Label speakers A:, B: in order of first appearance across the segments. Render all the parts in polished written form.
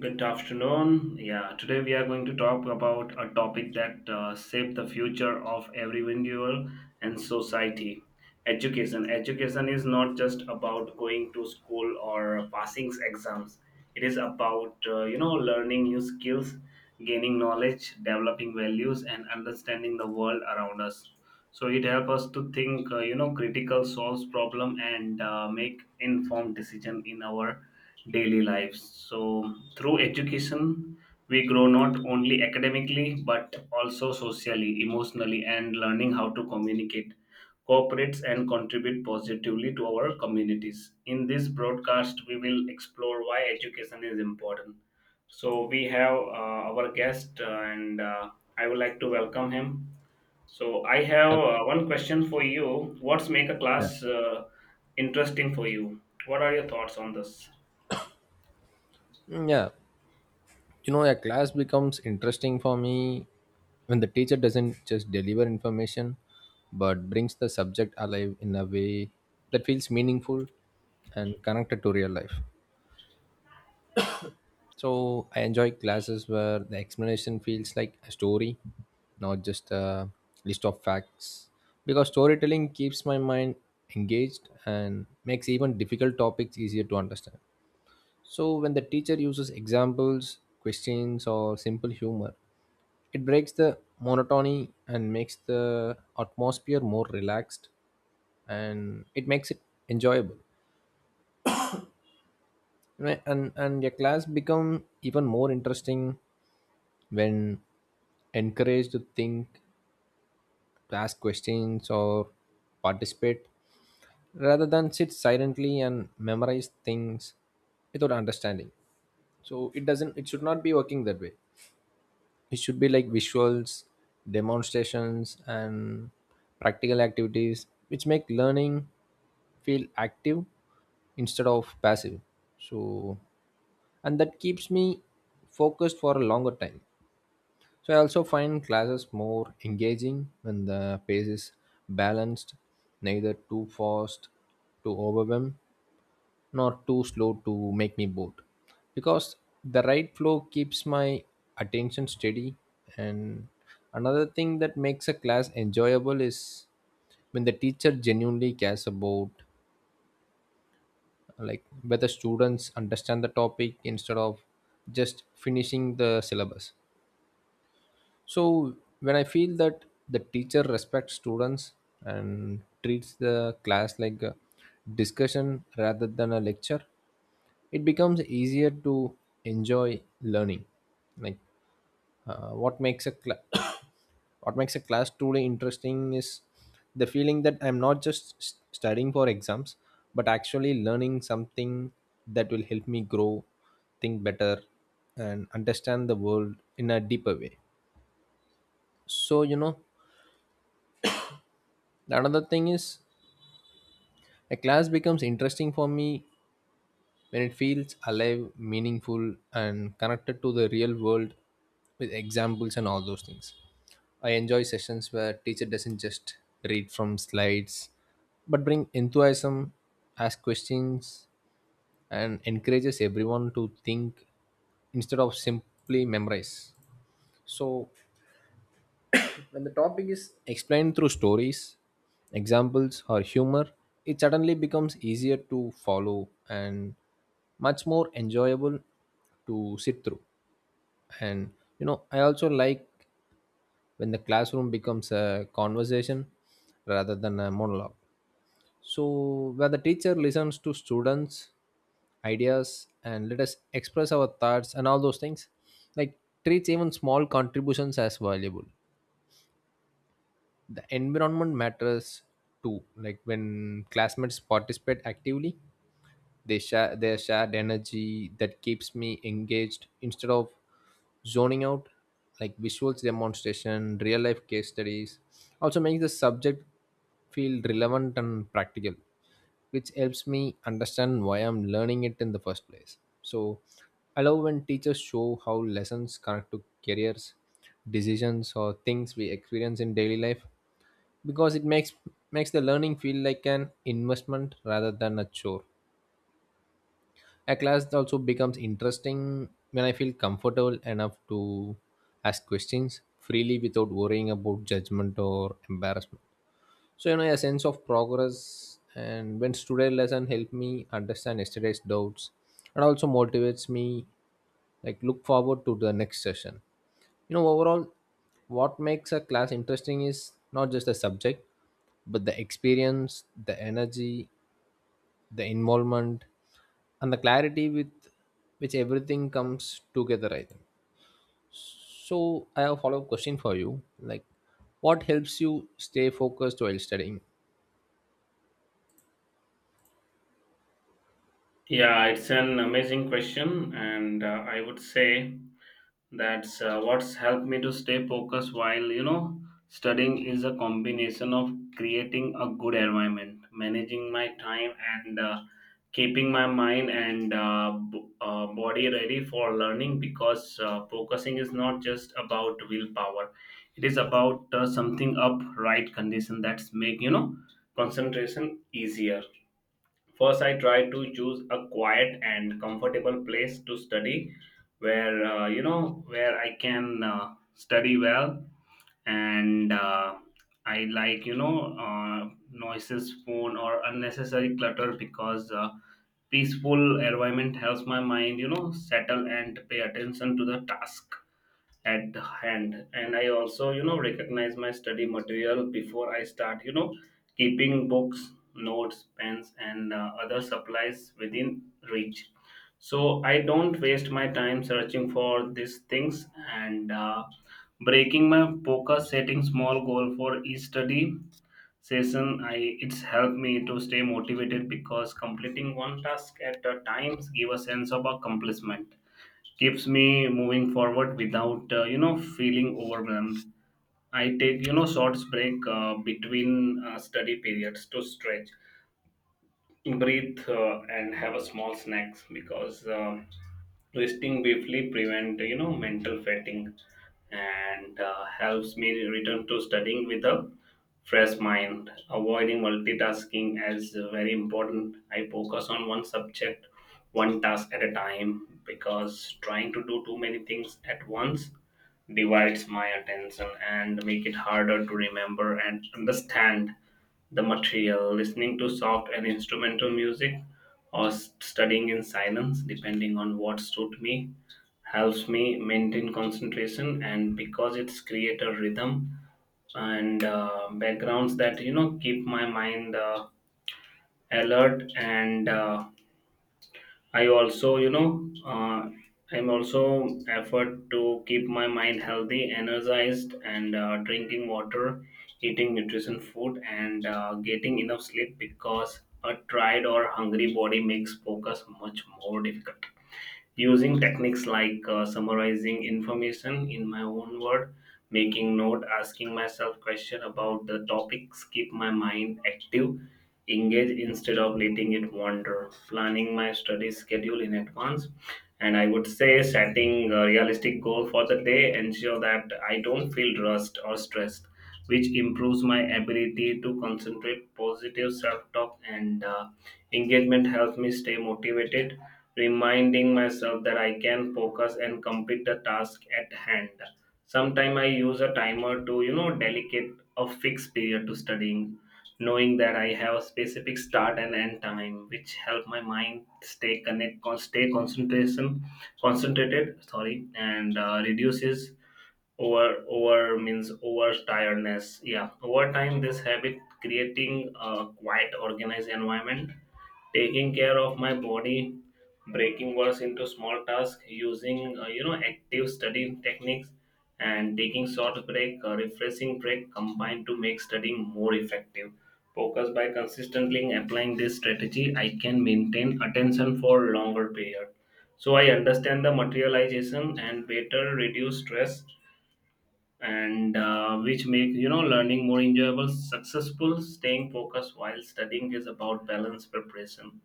A: Good afternoon. Yeah, today we are going to talk about a topic that shapes the future of every individual and society. Education. Education is not just about going to school or passing exams. It is about learning new skills, gaining knowledge, developing values, and understanding the world around us. So it helps us to think, critical, solves problem, and make informed decision in our daily lives. So, through education, we grow not only academically but also socially, emotionally, and learning how to communicate, cooperate, and contribute positively to our communities. In this broadcast, we will explore why education is important. So, we have our guest, and I would like to welcome him. So, I have
B: Hello.
A: one question for you. What's make a
B: Yeah.
A: class interesting for you? What are your thoughts on this?
B: Mm, yeah. A class becomes interesting for me when the teacher doesn't just deliver information, but brings the subject alive in a way that feels meaningful and connected to real life. So I enjoy classes where the explanation feels like a story, not just a list of facts. Because storytelling keeps my mind engaged and makes even difficult topics easier to understand. So when the teacher uses examples, questions, or simple humor, it breaks the monotony and makes the atmosphere more relaxed, and it makes it enjoyable. And your class become even more interesting when encouraged to think, to ask questions, or participate, rather than sit silently and memorize things without understanding. So it doesn't. It should not be working that way. It should be like visuals, demonstrations, and practical activities which make learning feel active instead of passive. So and that keeps me focused for a longer time. So I also find classes more engaging when the pace is balanced, neither too fast to overwhelm nor too slow to make me bored, because the right flow keeps my attention steady. And another thing that makes a class enjoyable is when the teacher genuinely cares about, like, whether students understand the topic instead of just finishing the syllabus. So when I feel that the teacher respects students and treats the class like a discussion rather than a lecture, it becomes easier to enjoy learning. Like what makes a cla what makes a class truly interesting is the feeling that I'm not just studying for exams, but actually learning something that will help me grow, think better, and understand the world in a deeper way. So, the another thing is, a class becomes interesting for me when it feels alive, meaningful, and connected to the real world with examples and all those things. I enjoy sessions where teacher doesn't just read from slides, but bring enthusiasm, ask questions, and encourages everyone to think instead of simply memorize. So when the topic is explained through stories, examples, or humor, it suddenly becomes easier to follow and much more enjoyable to sit through. And I also like when the classroom becomes a conversation rather than a monologue. So, where the teacher listens to students' ideas and let us express our thoughts and all those things, like treats even small contributions as valuable. The environment matters too, like when classmates participate actively, they share their shared energy that keeps me engaged instead of zoning out. Like visuals, demonstration, real life case studies also makes the subject feel relevant and practical, which helps me understand why I'm learning it in the first place. So I love when teachers show how lessons connect to careers, decisions, or things we experience in daily life, because it makes the learning feel like an investment rather than a chore. A class also becomes interesting when I feel comfortable enough to ask questions freely without worrying about judgment or embarrassment. So a sense of progress, and when today's lesson helped me understand yesterday's doubts, and also motivates me, like, look forward to the next session. Overall, what makes a class interesting is not just the subject, but the experience, the energy, the involvement, and the clarity with which everything comes together, I think. So I have a follow-up question for you, like, what helps you stay focused while studying?
A: Yeah, it's an amazing question, and I would say that's what's helped me to stay focused while studying is a combination of creating a good environment, managing my time, and keeping my mind and body ready for learning. Because focusing is not just about willpower; it is about something up right condition that's make concentration easier. First, I tried to choose a quiet and comfortable place to study where, where I can study well and I like noises, phone, or unnecessary clutter because peaceful environment helps my mind settle and pay attention to the task at hand. And I also recognize my study material before I start. Keeping books, notes, pens, and other supplies within reach. So I don't waste my time searching for these things and breaking my focus, setting small goal for each study session. I it's helped me to stay motivated because completing one task at a time give a sense of accomplishment. Keeps me moving forward without feeling overwhelmed. I take short break between study periods to stretch, breathe, and have a small snacks because resting briefly prevent mental fatigue and helps me return to studying with a fresh mind. Avoiding multitasking is very important. I focus on one subject, one task at a time because trying to do too many things at once divides my attention and make it harder to remember and understand the material. Listening to soft and instrumental music or studying in silence depending on what suits me helps me maintain concentration and because it's create a rhythm and backgrounds that keep my mind alert. And I also, you know, uh, I'm also effort to keep my mind healthy, energized, and drinking water, eating nutrition food, and getting enough sleep because a tired or hungry body makes focus much more difficult. Using techniques like summarizing information in my own word, making note, asking myself question about the topics keep my mind active, engage instead of letting it wander. Planning my study schedule in advance, and I would say setting a realistic goal for the day ensure that I don't feel rushed or stressed, which improves my ability to concentrate. Positive self-talk and engagement helps me stay motivated, reminding myself that I can focus and complete the task at hand. Sometimes I use a timer to, delegate a fixed period to studying, knowing that I have a specific start and end time, which help my mind stay concentrated, sorry, and reduces over tiredness. Yeah, over time this habit creating a quite organized environment, taking care of my body, breaking works into small tasks, using active study techniques, and taking short break refreshing break combined to make studying more effective focus. By consistently applying this strategy I can maintain attention for longer period, so I understand the materialization and better, reduce stress and which make learning more enjoyable, successful. Staying focused while studying is about balance preparation,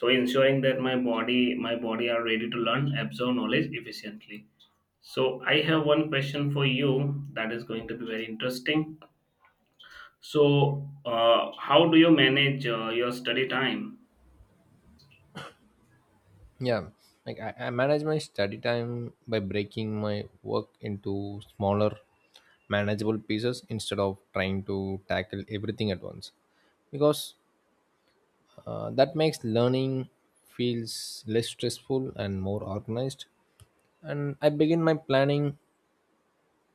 A: so ensuring that my body are ready to learn, absorb knowledge efficiently. So I have one question for you that is going to be very interesting. So how do you manage your study time?
B: Yeah, like I manage my study time by breaking my work into smaller manageable pieces instead of trying to tackle everything at once, because that makes learning feels less stressful and more organized. And I begin my planning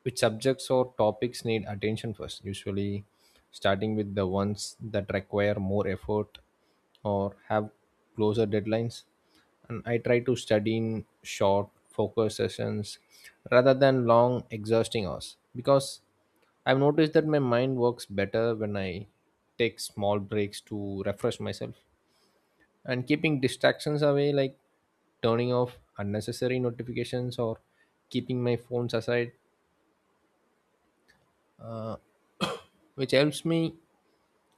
B: which subjects or topics need attention first, usually starting with the ones that require more effort or have closer deadlines. And I try to study in short, focused sessions rather than long, exhausting hours, because I've noticed that my mind works better when I take small breaks to refresh myself and keeping distractions away, like turning off unnecessary notifications or keeping my phones aside, uh, which helps me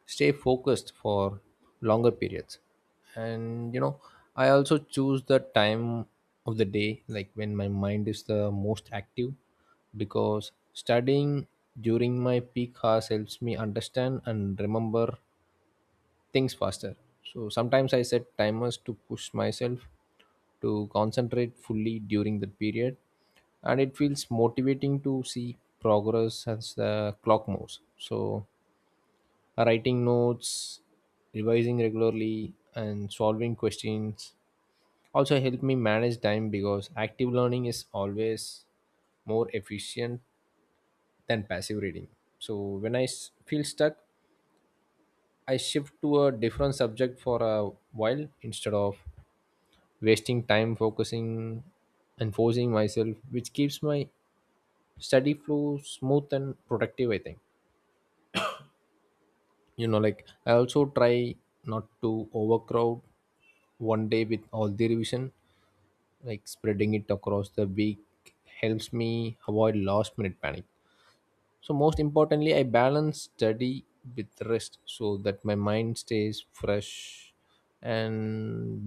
B: stay focused for longer periods. And I also choose the time of the day, like when my mind is the most active, because studying during my peak hours helps me understand and remember things faster. So sometimes I set timers to push myself to concentrate fully during that period, and it feels motivating to see progress as the clock moves. So writing notes, revising regularly, and solving questions also help me manage time, because active learning is always more efficient than passive reading. So when I feel stuck, I shift to a different subject for a while instead of wasting time focusing and forcing myself, which keeps my study flow smooth and productive, I think. Like I also try not to overcrowd one day with all the revision, like spreading it across the week helps me avoid last minute panic. So most importantly, I balance study with rest so that my mind stays fresh. And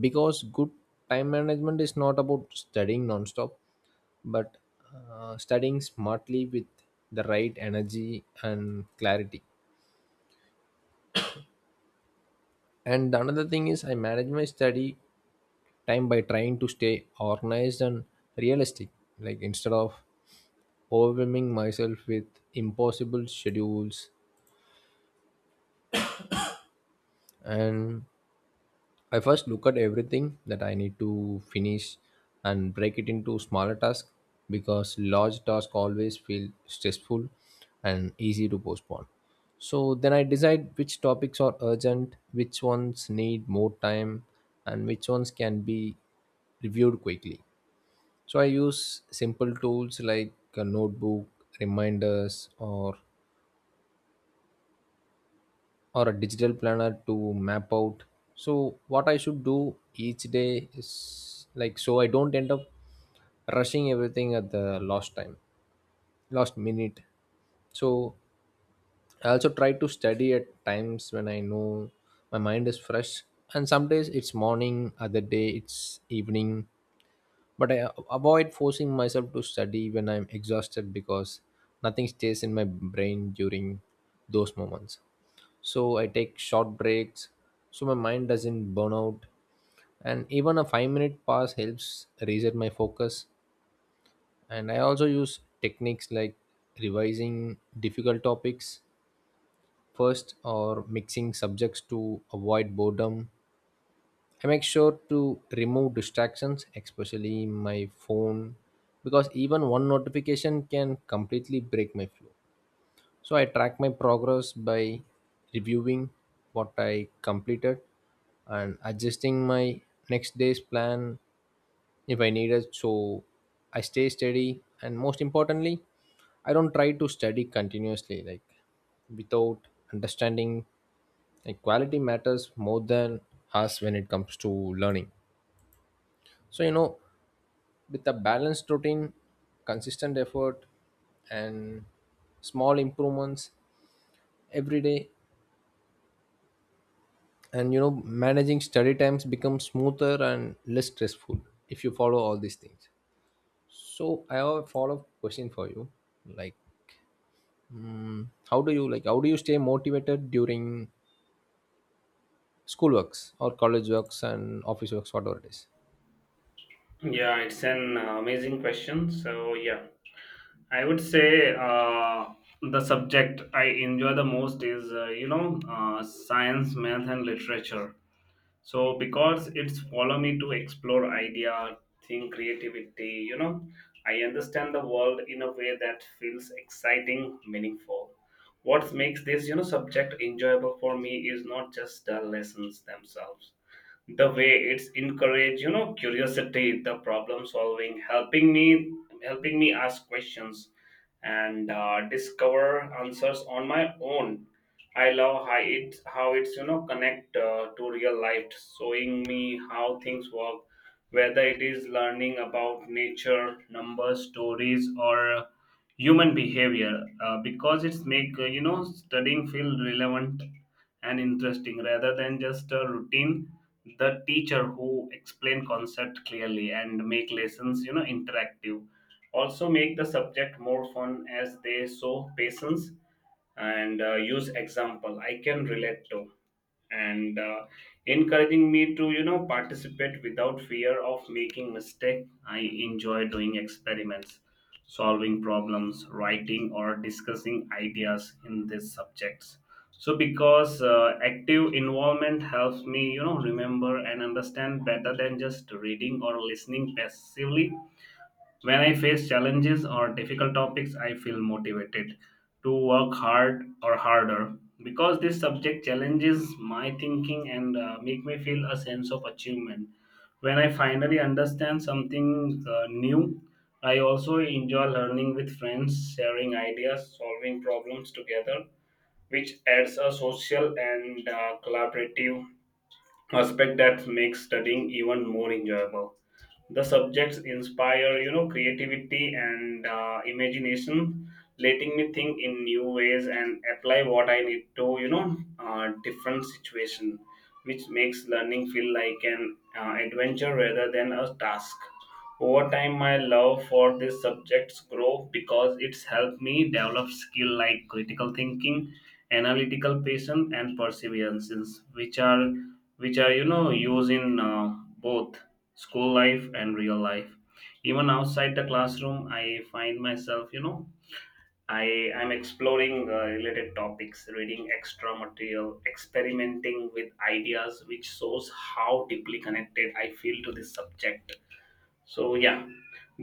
B: because good time management is not about studying nonstop, but studying smartly with the right energy and clarity. And another thing is, I manage my study time by trying to stay organized and realistic. Like, instead of overwhelming myself with impossible schedules, and I first look at everything that I need to finish and break it into smaller tasks, because large tasks always feel stressful and easy to postpone. So then I decide which topics are urgent, which ones need more time, and which ones can be reviewed quickly. So I use simple tools like a notebook, reminders, or a digital planner to map out so what I should do each day, is like, so I don't end up rushing everything at the last minute. So I also try to study at times when I know my mind is fresh, and some days it's morning, other day it's evening, but I avoid forcing myself to study when I'm exhausted, because nothing stays in my brain during those moments. So I take short breaks so my mind doesn't burn out, and even a 5-minute pause helps reset my focus. And I also use techniques like revising difficult topics first or mixing subjects to avoid boredom. I make sure to remove distractions, especially my phone, because even one notification can completely break my flow. So I track my progress by reviewing what I completed and adjusting my next day's plan if I need it. So I stay steady, and most importantly, I don't try to study continuously, like, without understanding. Like quality matters more than us when it comes to learning. So with a balanced routine, consistent effort, and small improvements every day, and managing study times becomes smoother and less stressful if you follow all these things. So I have a follow-up question for you, like, how do you, stay motivated during school works or college works and office works, whatever it is?
A: Yeah, it's an amazing question, so yeah, I would say the subject I enjoy the most is science, math, and literature. So because it's follow me to explore idea, think creativity. You know, I understand the world in a way that feels exciting, meaningful. What makes this subject enjoyable for me is not just the lessons themselves, the way it's encourage curiosity, the problem solving, helping me ask questions and discover answers on my own. I love how it's connect to real life, showing me how things work, whether it is learning about nature, numbers, stories, or human behavior, because it's make studying feel relevant and interesting rather than just a routine. The teacher who explain concept clearly and make lessons interactive also make the subject more fun as they show patience and use example I can relate to, and encouraging me to participate without fear of making mistake. I enjoy doing experiments, solving problems, writing, or discussing ideas in these subjects. So, because active involvement helps me, remember and understand better than just reading or listening passively. When I face challenges or difficult topics, I feel motivated to work hard or harder because this subject challenges my thinking and make me feel a sense of achievement. When I finally understand something new, I also enjoy learning with friends, sharing ideas, solving problems together, which adds a social and collaborative aspect that makes studying even more enjoyable. The subjects inspire creativity and imagination, letting me think in new ways and apply what I need to different situation, which makes learning feel like an adventure rather than a task. Over time my love for these subjects grow because it's helped me develop skill like critical thinking, analytical, patience, and perseverance, which are which are used in both school life and real life. Even outside the classroom I find myself you know I am exploring related topics, reading extra material, experimenting with ideas, which shows how deeply connected I feel to this subject. So yeah,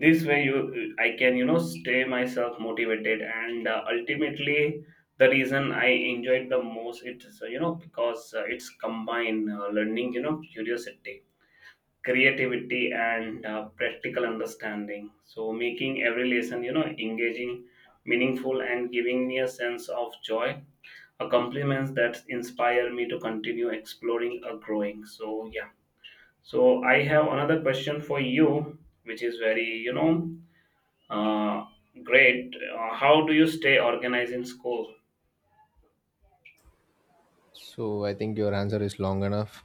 A: this way you I can stay myself motivated, and ultimately the reason I enjoyed the most, it's because it's combined learning, curiosity, creativity, and practical understanding, so making every lesson engaging, meaningful, and giving me a sense of joy, a compliments that inspire me to continue exploring or growing. So yeah, so I have another question for you which is very uh, great. How do you stay organized in school?
B: So I think your answer is long enough,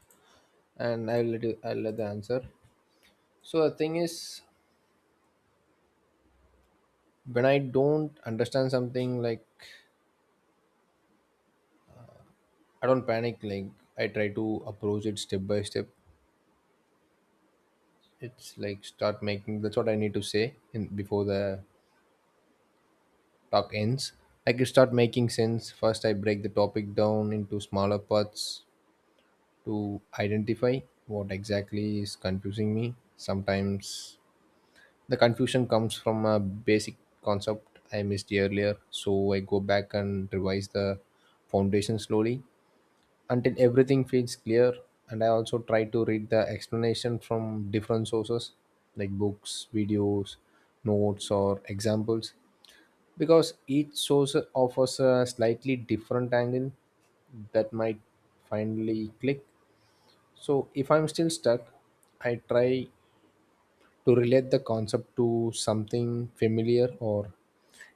B: and I'll let the answer. So the thing is, when I don't understand something, like, I don't panic, like I try to approach it step by step. It's like start making, that's what I need to say in before the talk ends, like it start making sense. First, I break the topic down into smaller parts to identify what exactly is confusing me. Sometimes the confusion comes from a basic concept I missed earlier, so I go back and revise the foundation slowly until everything feels clear. And I also try to read the explanation from different sources, like books, videos, notes, or examples, because each source offers a slightly different angle that might finally click. So if I'm still stuck, I try to relate the concept to something familiar or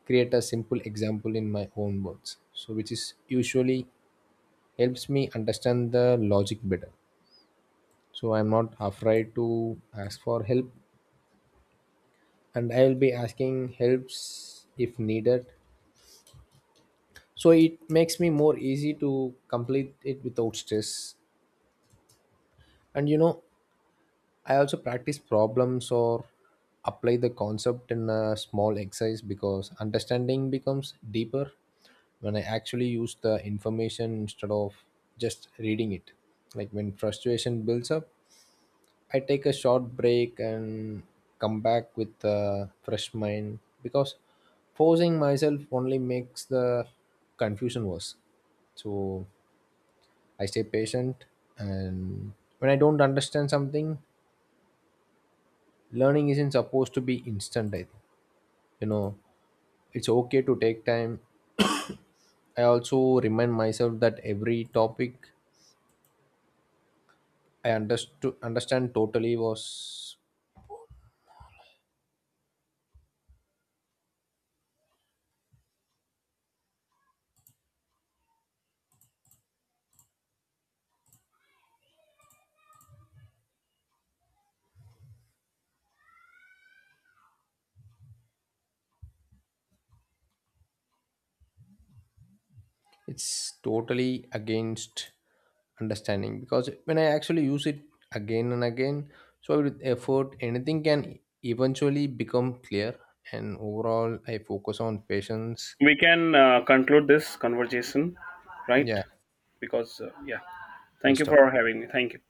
B: create a simple example in my own words, so which is usually helps me understand the logic better. So I'm not afraid to ask for help, and I will be asking helps if needed, so it makes me more easy to complete it without stress. And I also practice problems or apply the concept in a small exercise, because understanding becomes deeper when I actually use the information instead of just reading it. Like when frustration builds up, I take a short break and come back with a fresh mind, because forcing myself only makes the confusion worse. So I stay patient, and when I don't understand something, learning isn't supposed to be instant. I think you know it's okay to take time. I also remind myself that every topic I understood understand totally was it's totally against understanding, because when I actually use it again and again, so with effort anything can eventually become clear. And overall I focus on patience.
A: We can conclude this conversation, right?
B: Yeah,
A: Because yeah,
B: we'll
A: thank you
B: stop.
A: for having me. Thank you.